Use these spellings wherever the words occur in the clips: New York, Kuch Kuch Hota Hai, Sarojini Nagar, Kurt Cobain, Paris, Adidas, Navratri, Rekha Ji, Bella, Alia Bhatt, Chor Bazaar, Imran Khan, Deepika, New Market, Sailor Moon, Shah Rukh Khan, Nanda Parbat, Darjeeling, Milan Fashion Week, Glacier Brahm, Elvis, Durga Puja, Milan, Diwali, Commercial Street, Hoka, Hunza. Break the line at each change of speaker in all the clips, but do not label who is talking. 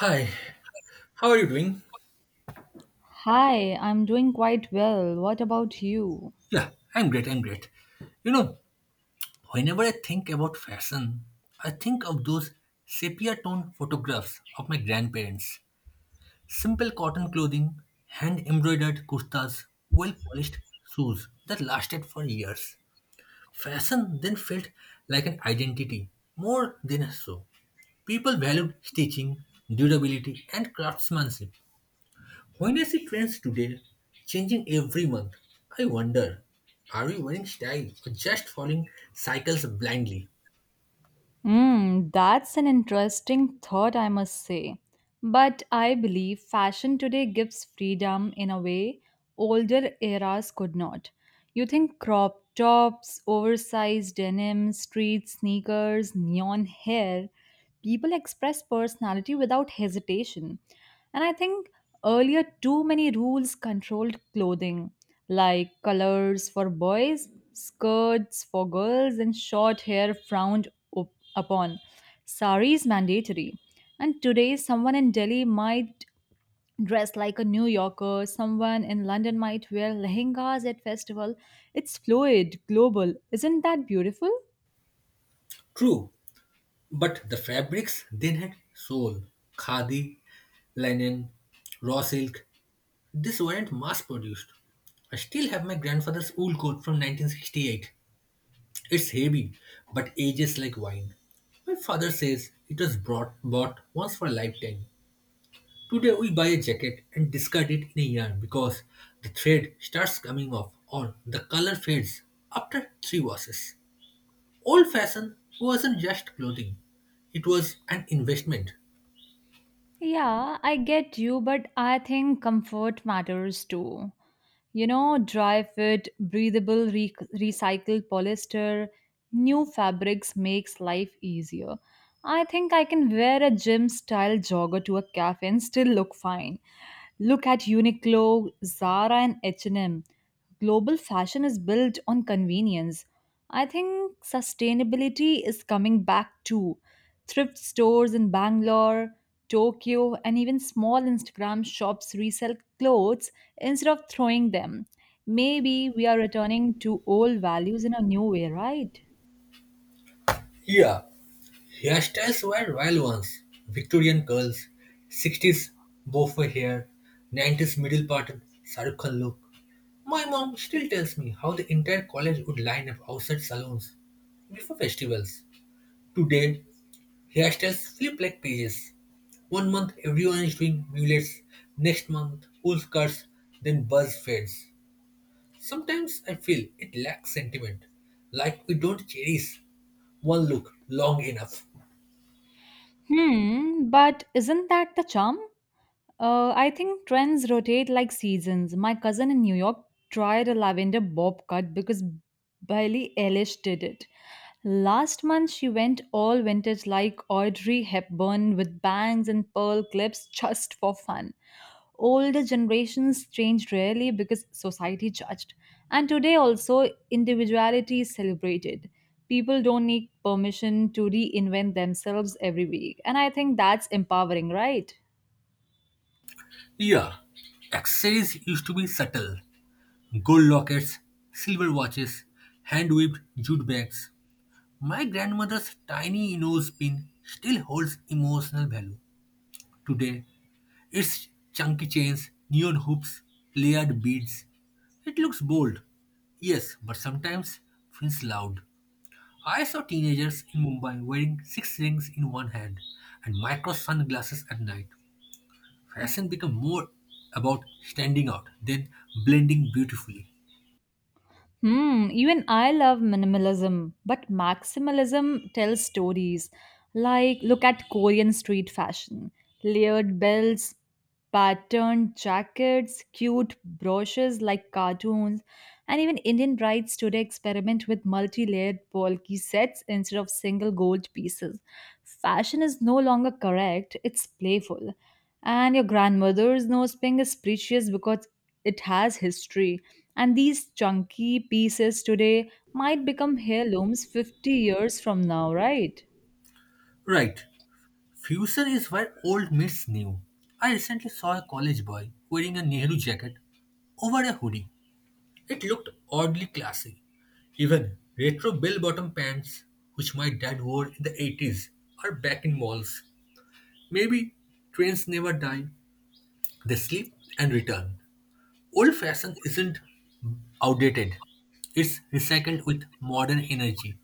Hi, how are you doing?
Hi, I'm doing quite well. What about you?
Yeah, I'm great. I'm great. You know, whenever I think about fashion, I think of those sepia tone photographs of my grandparents. Simple cotton clothing, hand embroidered kurtas, well polished shoes that lasted for years. Fashion then felt like an identity, more than a show. People valued stitching, durability, and craftsmanship. When I see trends today, changing every month, I wonder, are we wearing style or just following cycles blindly?
Mm, that's an interesting thought, I must say. But I believe fashion today gives freedom in a way older eras could not. You think crop tops, oversized denim, street sneakers, neon hair, people express personality without hesitation. And I think earlier, too many rules controlled clothing, like colors for boys, skirts for girls, and short hair frowned upon. Sari is mandatory. And today, someone in Delhi might dress like a New Yorker, someone in London might wear lehengas at festival. It's fluid, global. Isn't that beautiful?
True, but the fabrics then had soul. Khadi, linen, raw silk, these weren't mass produced. I still have my grandfather's wool coat from 1968. It's heavy, but ages like wine. My father says it was bought once for a lifetime. Today we buy a jacket and discard it in a year because the thread starts coming off or the color fades after three washes. Old fashion wasn't just clothing, it was an investment.
Yeah, I get you, but I think comfort matters too. You know, dry fit, breathable, recycled polyester, new fabrics makes life easier. I think I can wear a gym style jogger to a cafe and still look fine. Look at Uniqlo, Zara and H&M. Global fashion is built on convenience. I think sustainability is coming back too. Thrift stores in Bangalore, Tokyo and even small Instagram shops resell clothes instead of throwing them. Maybe we are returning to old values in a new way, right?
Yeah, hairstyles were royal ones. Victorian curls, 60s bow hair, 90s middle parted Shahrukh Khan look. My mom still tells me how the entire college would line up outside salons before festivals. Today, hairstyles flip like pages. One month everyone is doing mullets, next month full skirts, then buzz fades. Sometimes I feel it lacks sentiment, like we don't cherish one look long enough.
Hmm, but isn't that the charm? I think trends rotate like seasons. My cousin in New York tried a lavender bob cut because Billie Eilish did it. Last month, she went all vintage like Audrey Hepburn with bangs and pearl clips just for fun. Older generations changed rarely because society judged. And today also, individuality is celebrated. People don't need permission to reinvent themselves every week. And I think that's empowering, right?
Yeah, accessories used to be subtle. Gold lockets, silver watches, hand weaved jute bags. My grandmother's tiny nose pin still holds emotional value. Today, its chunky chains, neon hoops, layered beads. It looks bold. Yes, but sometimes feels loud. I saw teenagers in Mumbai wearing six rings in one hand and micro sunglasses at night. Fashion became more about standing out than blending beautifully.
Hmm, even I love minimalism, but maximalism tells stories. Like, look at Korean street fashion, layered belts, patterned jackets, cute brooches like cartoons, and even Indian brides today experiment with multi layered bulky sets instead of single gold pieces. Fashion is no longer correct, it's playful. And your grandmother's nose pink is precious because it has history, and these chunky pieces today might become heirlooms 50 years from now, right?
Right, fusion is where old meets new. I recently saw a college boy wearing a Nehru jacket over a hoodie. It looked oddly classy. Even retro bell-bottom pants, which my dad wore in the 80s, are back in malls. Maybe trends never die. They sleep and return. Old fashion isn't outdated. It's recycled with modern energy.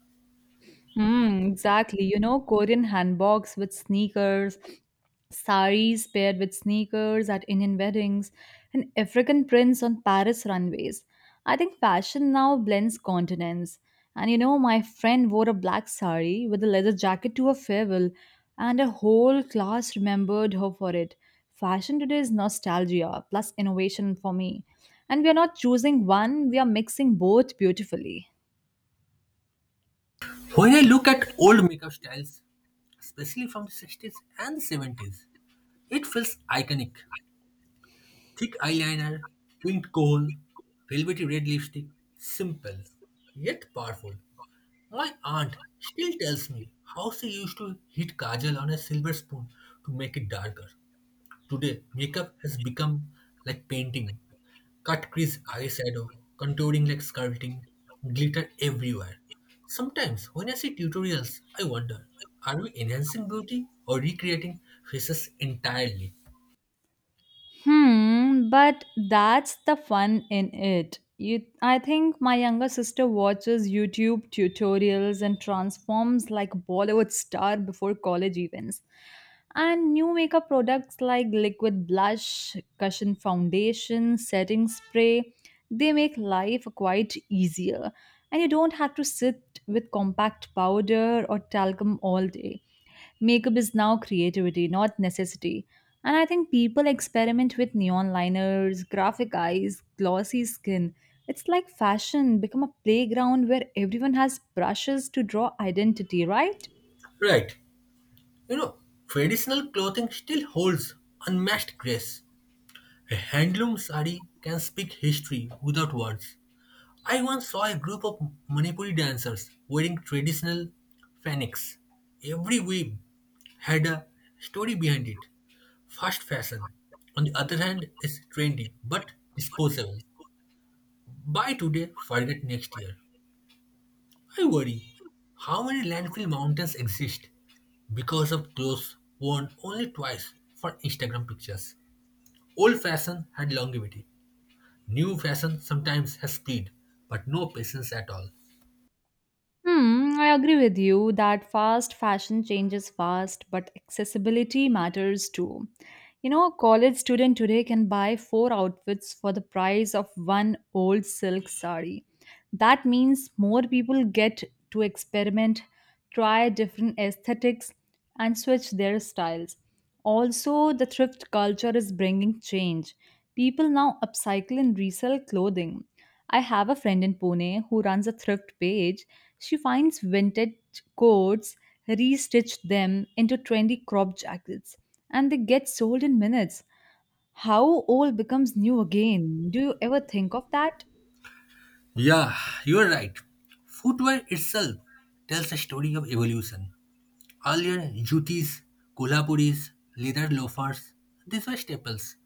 Mm, exactly. You know, Korean handbags with sneakers, saris paired with sneakers at Indian weddings, and African prints on Paris runways. I think fashion now blends continents. And you know, my friend wore a black sari with a leather jacket to a farewell, and a whole class remembered her for it. Fashion today is nostalgia plus innovation for me. And we are not choosing one, we are mixing both beautifully.
When I look at old makeup styles, especially from the 60s and the 70s, it feels iconic. Thick eyeliner, winged coal, velvety red lipstick, simple, yet powerful. My aunt still tells me how she used to hit kajal on a silver spoon to make it darker. Today, makeup has become like painting. Cut crease eyeshadow, contouring like sculpting, glitter everywhere. Sometimes, when I see tutorials, I wonder, are we enhancing beauty or recreating faces entirely?
Hmm, but that's the fun in it. You, I think my younger sister watches YouTube tutorials and transforms like a Bollywood star before college events. And new makeup products like liquid blush, cushion foundation, setting spray, they make life quite easier. And you don't have to sit with compact powder or talcum all day. Makeup is now creativity, not necessity. And I think people experiment with neon liners, graphic eyes, glossy skin. It's like fashion become a playground where everyone has brushes to draw identity, right?
Right, you know, traditional clothing still holds unmatched grace. A handloom sari can speak history without words. I once saw a group of Manipuri dancers wearing traditional fanaks. Every weave had a story behind it. Fast fashion, on the other hand, is trendy but disposable. Buy today, forget next year. I worry how many landfill mountains exist because of clothes worn only twice for Instagram pictures. Old fashion had longevity. New fashion sometimes has speed, but no patience at all.
Hmm, I agree with you that fast fashion changes fast, but accessibility matters too. You know, a college student today can buy four outfits for the price of one old silk sari. That means more people get to experiment, try different aesthetics, and switch their styles. Also, the thrift culture is bringing change. People now upcycle and resell clothing. I have a friend in Pune who runs a thrift page. She finds vintage coats, restitched them into trendy crop jackets, and they get sold in minutes. How old becomes new again? Do you ever think of that?
Yeah, you're right. Footwear itself tells a story of evolution. Earlier, jutis, kolapuris, leather loafers, these were staples.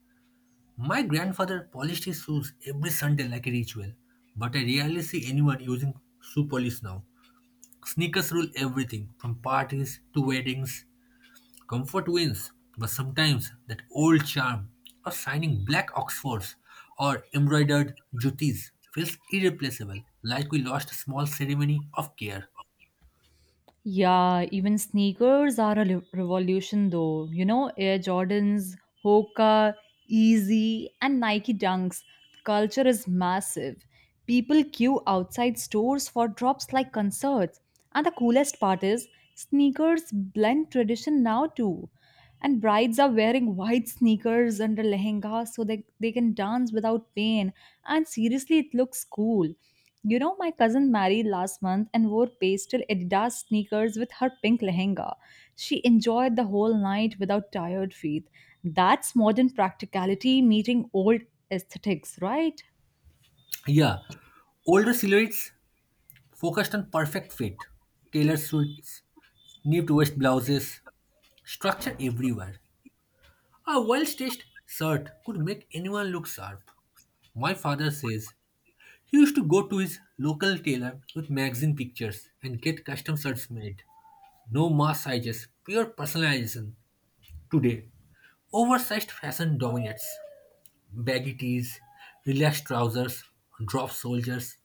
My grandfather polished his shoes every Sunday like a ritual, but I rarely see anyone using shoe polish now. Sneakers rule everything, from parties to weddings. Comfort wins, but sometimes that old charm of shining black oxfords or embroidered jutis feels irreplaceable, like we lost a small ceremony of care.
Yeah, even sneakers are a revolution though. You know, Air Jordans, Hoka, Easy, and Nike Dunks. Culture is massive. People queue outside stores for drops like concerts. And the coolest part is, sneakers blend tradition now too. And brides are wearing white sneakers under lehenga so that they can dance without pain. And seriously, it looks cool. You know, my cousin married last month and wore pastel Adidas sneakers with her pink lehenga. She enjoyed the whole night without tired feet. That's modern practicality meeting old aesthetics, right?
Yeah, older silhouettes focused on perfect fit, tailored suits, nipped waist blouses, structure everywhere. A well-stitched shirt could make anyone look sharp. My father says he used to go to his local tailor with magazine pictures and get custom shirts made. No mass sizes, pure personalization. Today, oversized fashion dominates. Baggy tees, relaxed trousers, drop shoulders.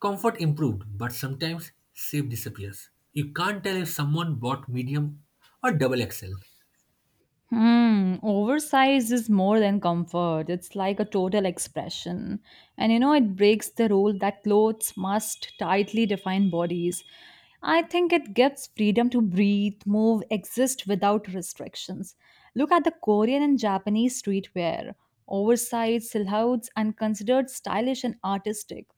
Comfort improved, but sometimes shape disappears. You can't tell if someone bought medium or double XL.
Hmm, oversized is more than comfort. It's like a total expression. And you know, it breaks the rule that clothes must tightly define bodies. I think it gives freedom to breathe, move, exist without restrictions. Look at the Korean and Japanese streetwear. Oversized silhouettes and considered stylish and artistic.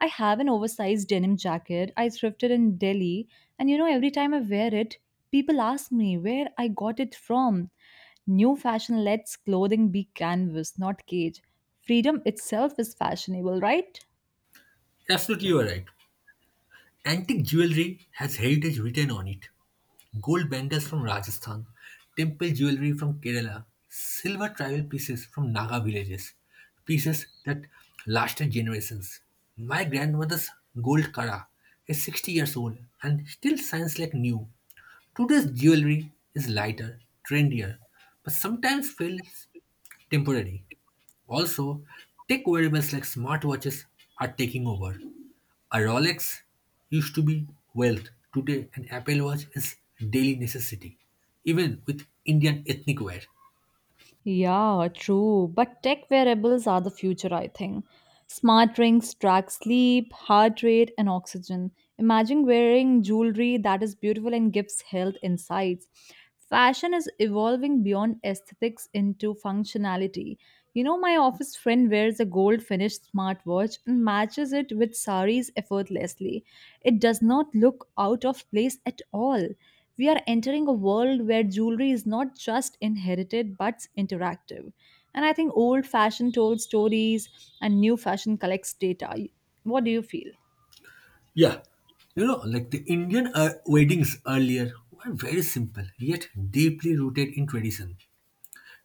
I have an oversized denim jacket I thrifted in Delhi, and you know, every time I wear it, people ask me where I got it from. New fashion lets clothing be canvas, not cage. Freedom itself is fashionable, right?
Absolutely, you are right. Antique jewelry has heritage written on it. Gold bangles from Rajasthan, temple jewelry from Kerala, silver tribal pieces from Naga villages, pieces that lasted generations. My grandmother's gold kara is 60 years old and still shines like new. Today's jewelry is lighter, trendier, but sometimes feels temporary. Also, tech wearables like smartwatches are taking over. A Rolex used to be wealth, today an Apple Watch is daily necessity, even with Indian ethnic wear.
Yeah, true. But tech wearables are the future, I think. Smart rings track sleep, heart rate, and oxygen. Imagine wearing jewelry that is beautiful and gives health insights. Fashion is evolving beyond aesthetics into functionality. You know, my office friend wears a gold finished smartwatch and matches it with saris effortlessly. It does not look out of place at all. We are entering a world where jewelry is not just inherited but interactive. And I think old fashion told stories and new fashion collects data. What do you feel?
Yeah, you know, like the Indian weddings earlier were very simple yet deeply rooted in tradition.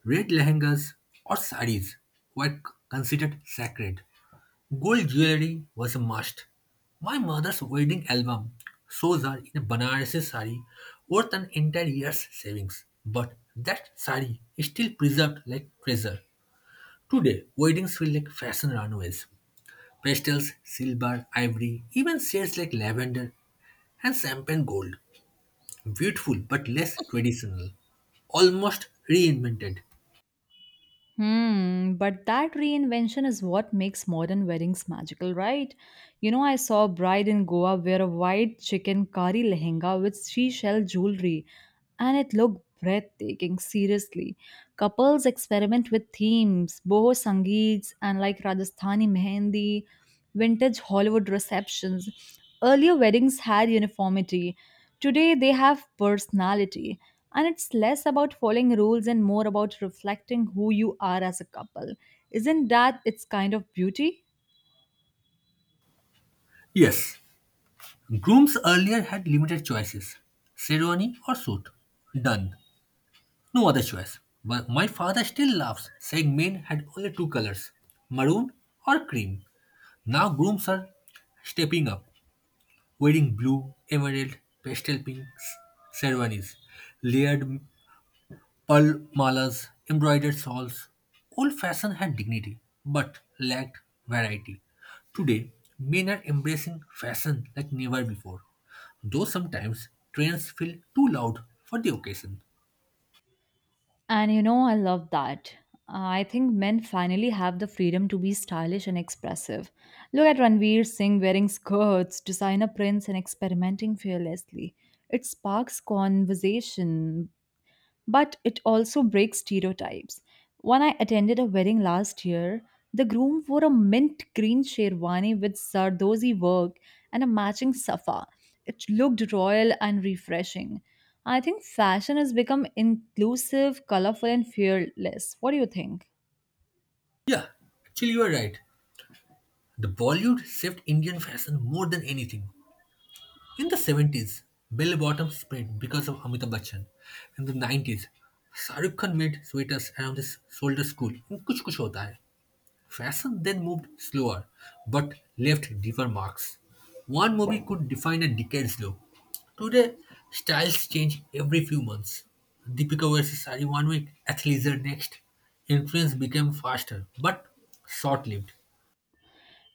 Red lehengas or saris were considered sacred. Gold jewelry was a must. My mother's wedding album shows her in a Banarasi sari worth an entire year's savings. But that sari is still preserved like treasure. Today, weddings feel like fashion runways. Pastels, silver, ivory, even shades like lavender and champagne gold. Beautiful but less traditional. Almost reinvented.
Hmm, but that reinvention is what makes modern weddings magical, right? You know, I saw a bride in Goa wear a white chicken kari lehenga with seashell jewelry, and it looked breathtaking, seriously. Couples experiment with themes, boho sangeets, and like Rajasthani mehendi, vintage Hollywood receptions. Earlier weddings had uniformity, today they have personality. And it's less about following rules and more about reflecting who you are as a couple. Isn't that its kind of beauty?
Yes, grooms earlier had limited choices. Ceremony or suit. Done. No other choice. But my father still laughs, saying men had only two colors, maroon or cream. Now grooms are stepping up, wearing blue, emerald, pastel pinks, sherwanis, layered pearl malas, embroidered shawls. Old fashion had dignity, but lacked variety. Today, men are embracing fashion like never before, though sometimes trends feel too loud for the occasion.
And you know, I love that. I think men finally have the freedom to be stylish and expressive. Look at Ranveer Singh wearing skirts, designer prints, and experimenting fearlessly. It sparks conversation, but it also breaks stereotypes. When I attended a wedding last year, the groom wore a mint green sherwani with sardozi work and a matching safa. It looked royal and refreshing. I think fashion has become inclusive, colorful, and fearless. What do you think?
Yeah, actually you are right. The Bollywood saved Indian fashion more than anything. In the 70s, bell bottoms spread because of Amitabh Bachchan. In the 90s, Shah Rukh Khan made sweaters around his shoulders cool in Kuch Kuch Hota Hai. Fashion then moved slower but left deeper marks. One movie could define a decade's look. Today, styles change every few months. Deepika wears a sari one week, athleisure next. Influence became faster but short lived.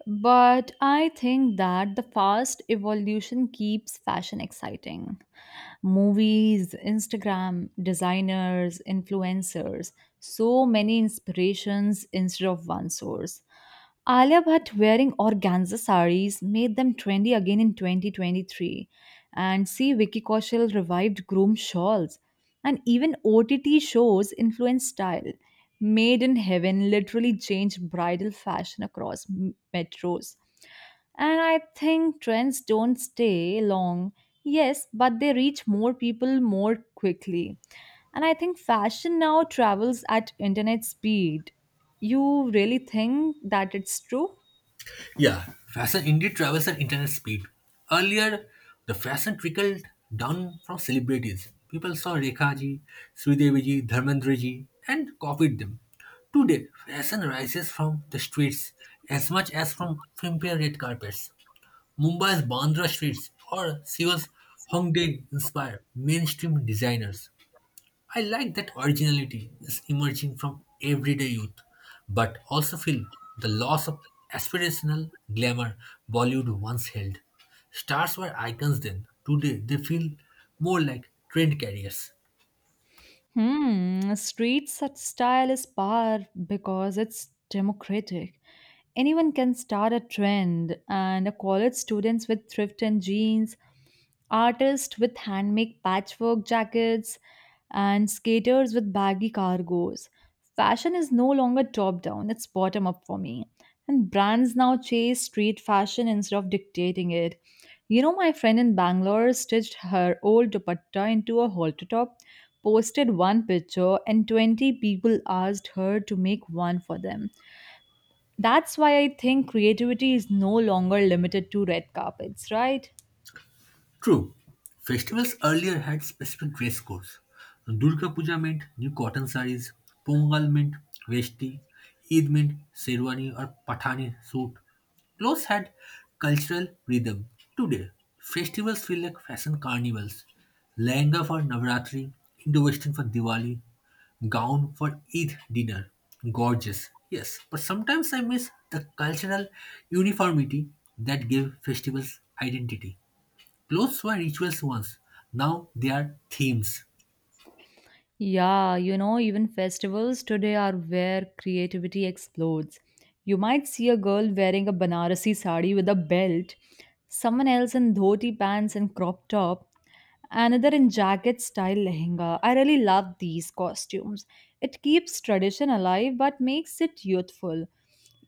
But I think that the fast evolution keeps fashion exciting. Movies, Instagram, designers, influencers, so many inspirations instead of one source. Alia Bhatt wearing organza saris made them trendy again in 2023. And see, Vicky Kaushal revived groom shawls. And even OTT shows influenced style. Made in Heaven literally changed bridal fashion across metros. And I think trends don't stay long. Yes, but they reach more people more quickly. And I think fashion now travels at internet speed. You really think that it's true?
Yeah, fashion indeed travels at internet speed. Earlier, the fashion trickled down from celebrities. People saw Rekha ji, Sridevi ji, Dharmendra ji, and copied them. Today, fashion rises from the streets as much as from filmfare red carpets. Mumbai's Bandra streets or Seoul's Hongdae inspire mainstream designers. I like that originality is emerging from everyday youth, but also feel the loss of aspirational glamour Bollywood once held. Stars were icons then, today they feel more like trend carriers.
Hmm, street such style is power because it's democratic. Anyone can start a trend, and a college students with thrift and jeans, artists with handmade patchwork jackets, and skaters with baggy cargos. Fashion is no longer top down, it's bottom up for me. And brands now chase street fashion instead of dictating it. You know, my friend in Bangalore stitched her old dupatta into a halter top, posted one picture, and 20 people asked her to make one for them. That's why I think creativity is no longer limited to red carpets, right?
True, festivals earlier had specific dress codes. Durga Puja meant new cotton sarees, Pongal meant vesti, Eid meant sherwani or pathani suit. Clothes had cultural rhythm. Today, festivals feel like fashion carnivals. Lehenga for Navratri, Indo-Western for Diwali, gown for Eid dinner. Gorgeous, yes, but sometimes I miss the cultural uniformity that gave festivals identity. Clothes were rituals once, now they are themes.
Yeah, you know, even festivals today are where creativity explodes. You might see a girl wearing a Banarasi sari with a belt, someone else in dhoti pants and crop top, another in jacket style lehenga. I really love these costumes. It keeps tradition alive but makes it youthful.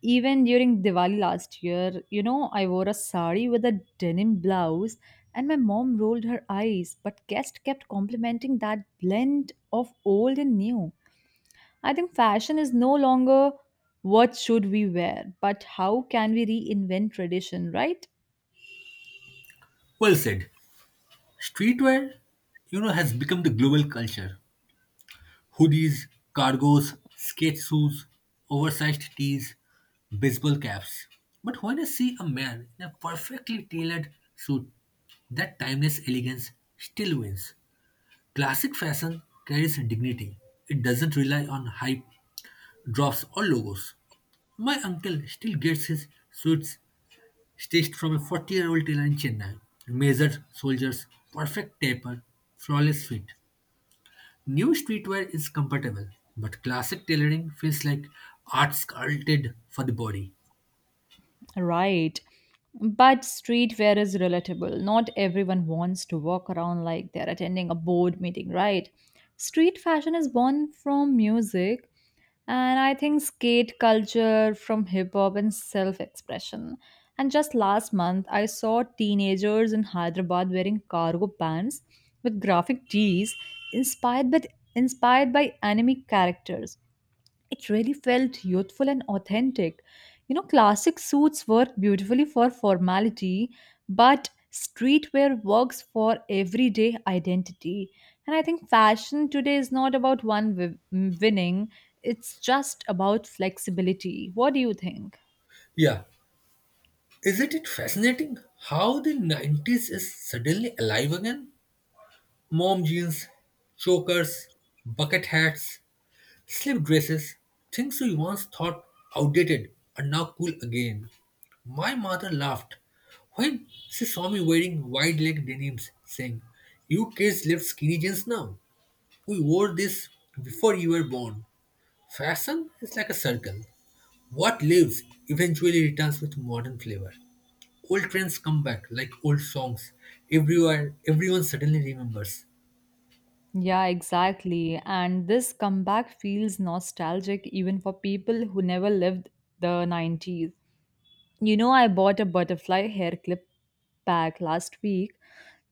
Even during Diwali last year, you know, I wore a sari with a denim blouse and my mom rolled her eyes, but guests kept complimenting that blend of old and new. I think fashion is no longer what should we wear, but how can we reinvent tradition, right?
Well said. Streetwear, you know, has become the global culture. Hoodies, cargos, skate shoes, oversized tees, baseball caps. But when I see a man in a perfectly tailored suit, that timeless elegance still wins. Classic fashion carries dignity. It doesn't rely on hype, drops, or logos. My uncle still gets his suits stitched from a 40-year-old tailor in Chennai. Measured shoulders, perfect taper, flawless fit. New streetwear is comfortable, but classic tailoring feels like art sculpted for the body.
Right. But streetwear is relatable. Not everyone wants to walk around like they're attending a board meeting, right? Street fashion is born from music, and I think skate culture from hip hop and self expression. And just last month, I saw teenagers in Hyderabad wearing cargo pants with graphic tees inspired by, inspired by anime characters. It really felt youthful and authentic. You know, classic suits work beautifully for formality, but streetwear works for everyday identity. And I think fashion today is not about one winning, it's just about flexibility. What do you think?
Yeah. Isn't it fascinating how the 90s is suddenly alive again? Mom jeans, chokers, bucket hats, slip dresses, things we once thought outdated, are now cool again. My mother laughed when she saw me wearing wide leg denims, saying, "You kids live skinny jeans now. We wore this before you were born." Fashion is like a circle. What lives eventually returns with modern flavor. Old trends come back like old songs. Everywhere, everyone suddenly remembers.
Yeah, exactly. And this comeback feels nostalgic even for people who never lived the 90s. You know, I bought a butterfly hair clip pack last week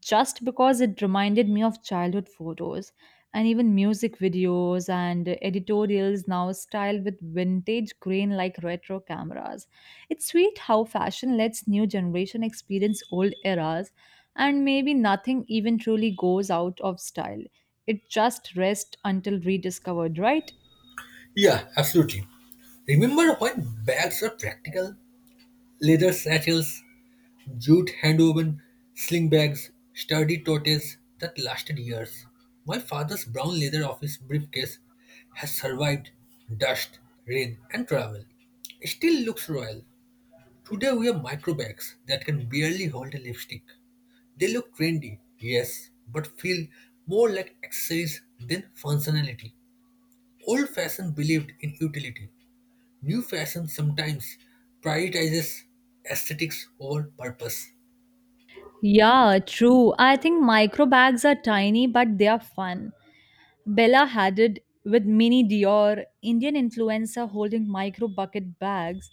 just because it reminded me of childhood photos and even music videos and editorials now styled with vintage grain like retro cameras. It's sweet how fashion lets new generation experience old eras and maybe nothing even truly goes out of style. It just rests until rediscovered, right?
Yeah, absolutely. Remember when bags were practical? Leather satchels, jute hand woven sling bags, sturdy totes that lasted years. My father's brown leather office briefcase has survived dust, rain, and travel. It still looks royal. Today we have micro bags that can barely hold a lipstick. They look trendy, yes, but feel more like accessories than functionality. Old fashion believed in utility. New fashion sometimes prioritizes aesthetics over purpose.
Yeah, true. I think micro bags are tiny, but they are fun. Bella had it with Mini Dior, Indian influencer holding micro bucket bags,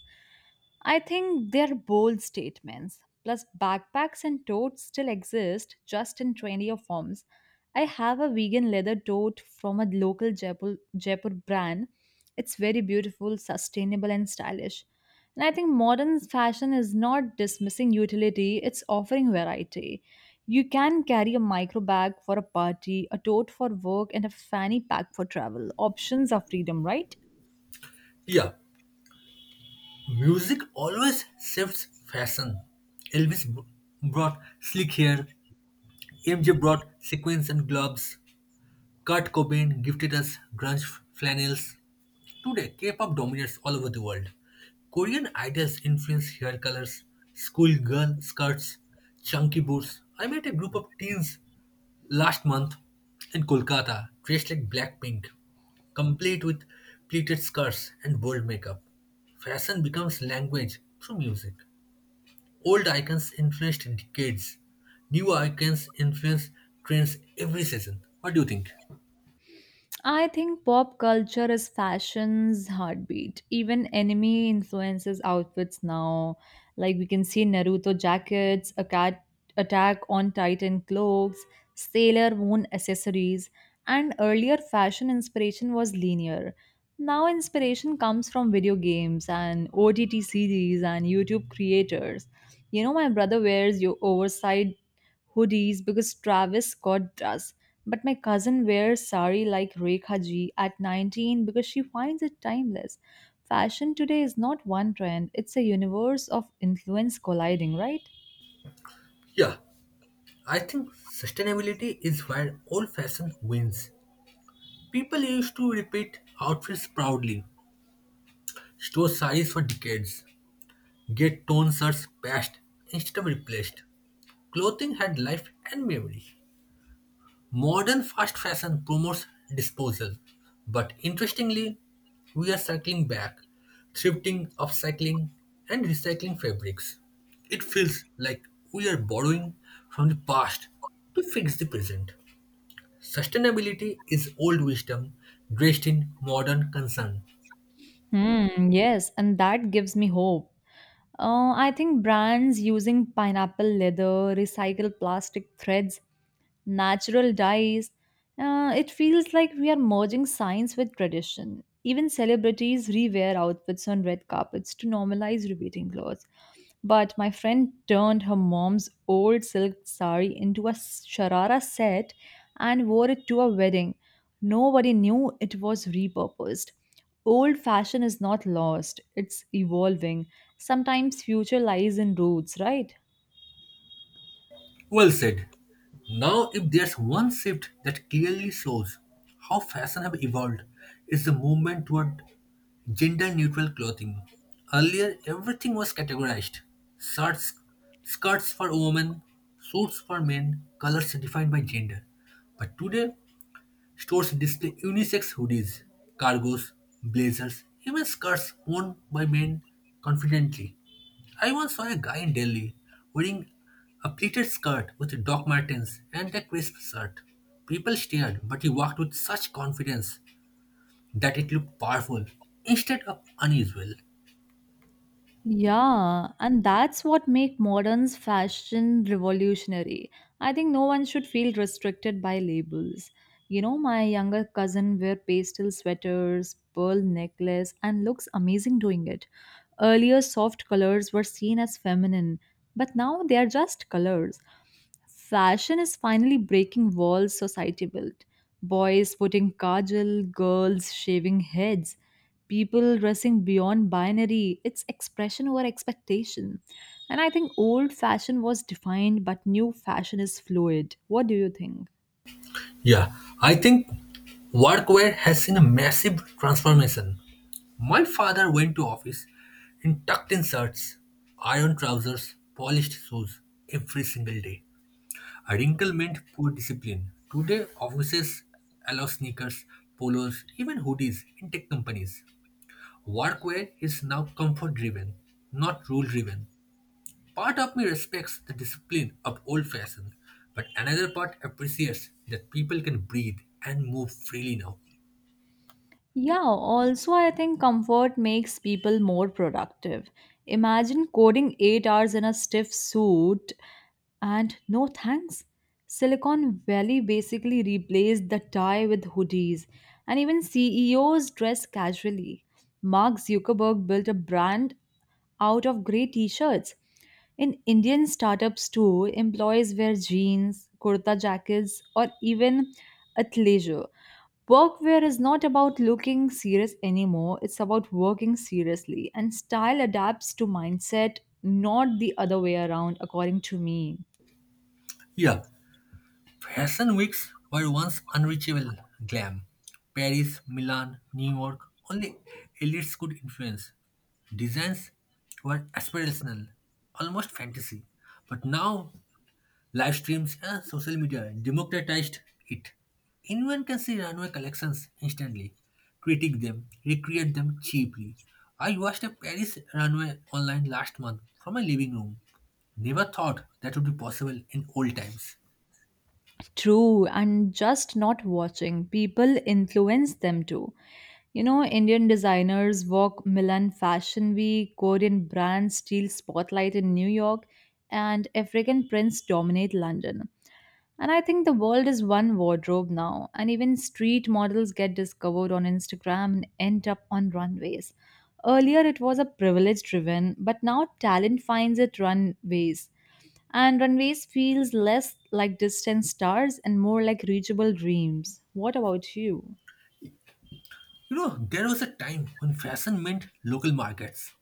I think they're bold statements. Plus, backpacks and totes still exist just in trendier forms. I have a vegan leather tote from a local Jaipur brand. It's very beautiful, sustainable, and stylish. And I think modern fashion is not dismissing utility, it's offering variety. You can carry a micro bag for a party, a tote for work, and a fanny pack for travel. Options are freedom, right?
Yeah, music always shifts fashion. Elvis b- brought slick hair, MJ brought sequins and gloves, Kurt Cobain gifted us flannels. Today, K pop dominates all over the world. Korean idols influence hair colors, schoolgirl skirts, chunky boots. I met a group of teens last month in Kolkata dressed like Blackpink, complete with pleated skirts and bold makeup. Fashion becomes language through music. Old icons influenced decades. New icons influence trends every season. What do you think?
I think pop culture is fashion's heartbeat. Even anime influences outfits now. Like we can see Naruto jackets, a cat attack on Titan cloaks, Sailor Moon accessories, and earlier fashion inspiration was linear. Now inspiration comes from video games and OTT series and YouTube creators. You know, my brother wears your oversized hoodies because Travis Scott does. But my cousin wears sari like Rekha Ji at 19 because she finds it timeless. Fashion today is not one trend, it's a universe of influence colliding, right?
Yeah, I think sustainability is where old fashion wins. People used to repeat outfits proudly, store size for decades, get tone shirts patched instead of replaced. Clothing had life and memory. Modern fast fashion promotes disposal, but interestingly, we are circling back, thrifting, upcycling, and recycling fabrics. It feels like we are borrowing from the past to fix the present. Sustainability is old wisdom dressed in modern concern.
Hmm, yes, and that gives me hope. I think brands using pineapple leather, recycled plastic threads, natural dyes, it feels like we are merging science with tradition. Even celebrities rewear outfits on red carpets to normalize repeating clothes. But my friend turned her mom's old silk sari into a sharara set and wore it to a wedding. Nobody knew it was repurposed. Old fashion is not lost, it's evolving. Sometimes future lies in roots, right?
Well said. Now, if there's one shift that clearly shows how fashion have evolved, it's the movement toward gender-neutral clothing. Earlier, everything was categorized: shirts, skirts for women, suits for men, colors defined by gender. But today, stores display unisex hoodies, cargos, blazers, even skirts worn by men confidently. I once saw a guy in Delhi wearing a pleated skirt with Doc Martens and a crisp shirt. People stared, but he walked with such confidence that it looked powerful instead of unusual.
Yeah, and that's what make modern's fashion revolutionary. I think no one should feel restricted by labels. You know, my younger cousin wear pastel sweaters, pearl necklace, and looks amazing doing it. Earlier, soft colors were seen as feminine, but now they are just colors. Fashion is finally breaking walls society built. Boys putting kajal, girls shaving heads, people dressing beyond binary. It's expression over expectation. And I think old fashion was defined, but new fashion is fluid. What do you think?
Yeah, I think workwear has seen a massive transformation. My father went to office in tucked in shirts, iron trousers, polished shoes every single day. A wrinkle meant poor discipline. Today, offices allow sneakers, polos, even hoodies in tech companies. Workwear is now comfort driven, not rule driven. Part of me respects the discipline of old fashion, but another part appreciates that people can breathe and move freely now.
Yeah, also, I think comfort makes people more productive. Imagine coding 8 hours in a stiff suit and no thanks. Silicon Valley basically replaced the tie with hoodies, and even CEOs dress casually. Mark Zuckerberg built a brand out of grey t shirts. In Indian startups, too, employees wear jeans, kurta jackets, or even athleisure. Workwear is not about looking serious anymore, it's about working seriously. And style adapts to mindset, not the other way around, according to me.
Yeah, fashion weeks were once unreachable glam. Paris, Milan, New York, only elites could influence. Designs were aspirational, almost fantasy. But now, live streams and social media democratized it. Anyone can see runway collections instantly, critique them, recreate them cheaply. I watched a Paris runway online last month from my living room. Never thought that would be possible in old times.
True, and just not watching. People influence them too. You know, Indian designers walk Milan Fashion Week, Korean brands steal spotlight in New York, and African prints dominate London. And I think the world is one wardrobe now, and even street models get discovered on Instagram and end up on runways. Earlier, it was a privilege driven, but now talent finds it runways. And runways feels less like distant stars and more like reachable dreams. What about you?
You know, there was a time when fashion meant local markets.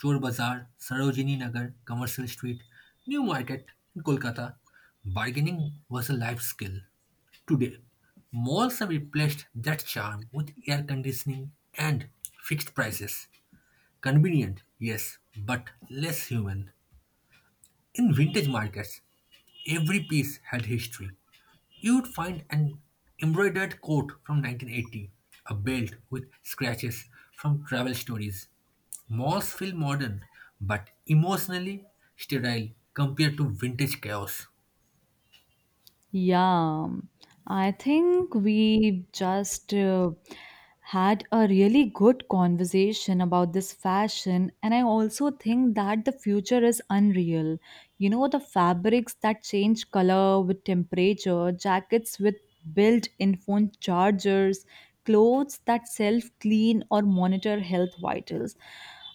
Chor Bazaar, Sarojini Nagar, Commercial Street, New Market in Kolkata. Bargaining was a life skill. Today, malls have replaced that charm with air conditioning and fixed prices. Convenient, yes, but less human. In vintage markets, every piece had history. You'd find an embroidered coat from 1980, a belt with scratches from travel stories. Malls feel modern, but emotionally sterile compared to vintage chaos.
Yeah, I think we just had a really good conversation about this fashion, and I also think that the future is unreal. You know, the fabrics that change color with temperature, jackets with built in phone chargers, clothes that self clean or monitor health vitals.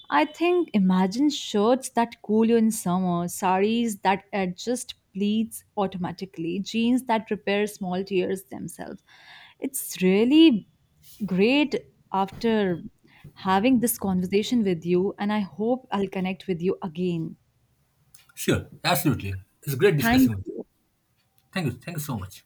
I think imagine shirts that cool you in summer, saris that adjust pleats automatically, jeans that repair small tears themselves. It's really great after having this conversation with you, and I hope I'll connect with you again.
Sure, absolutely. It's great
Thank
discussing with you.
you.
Thank you. Thank you so much.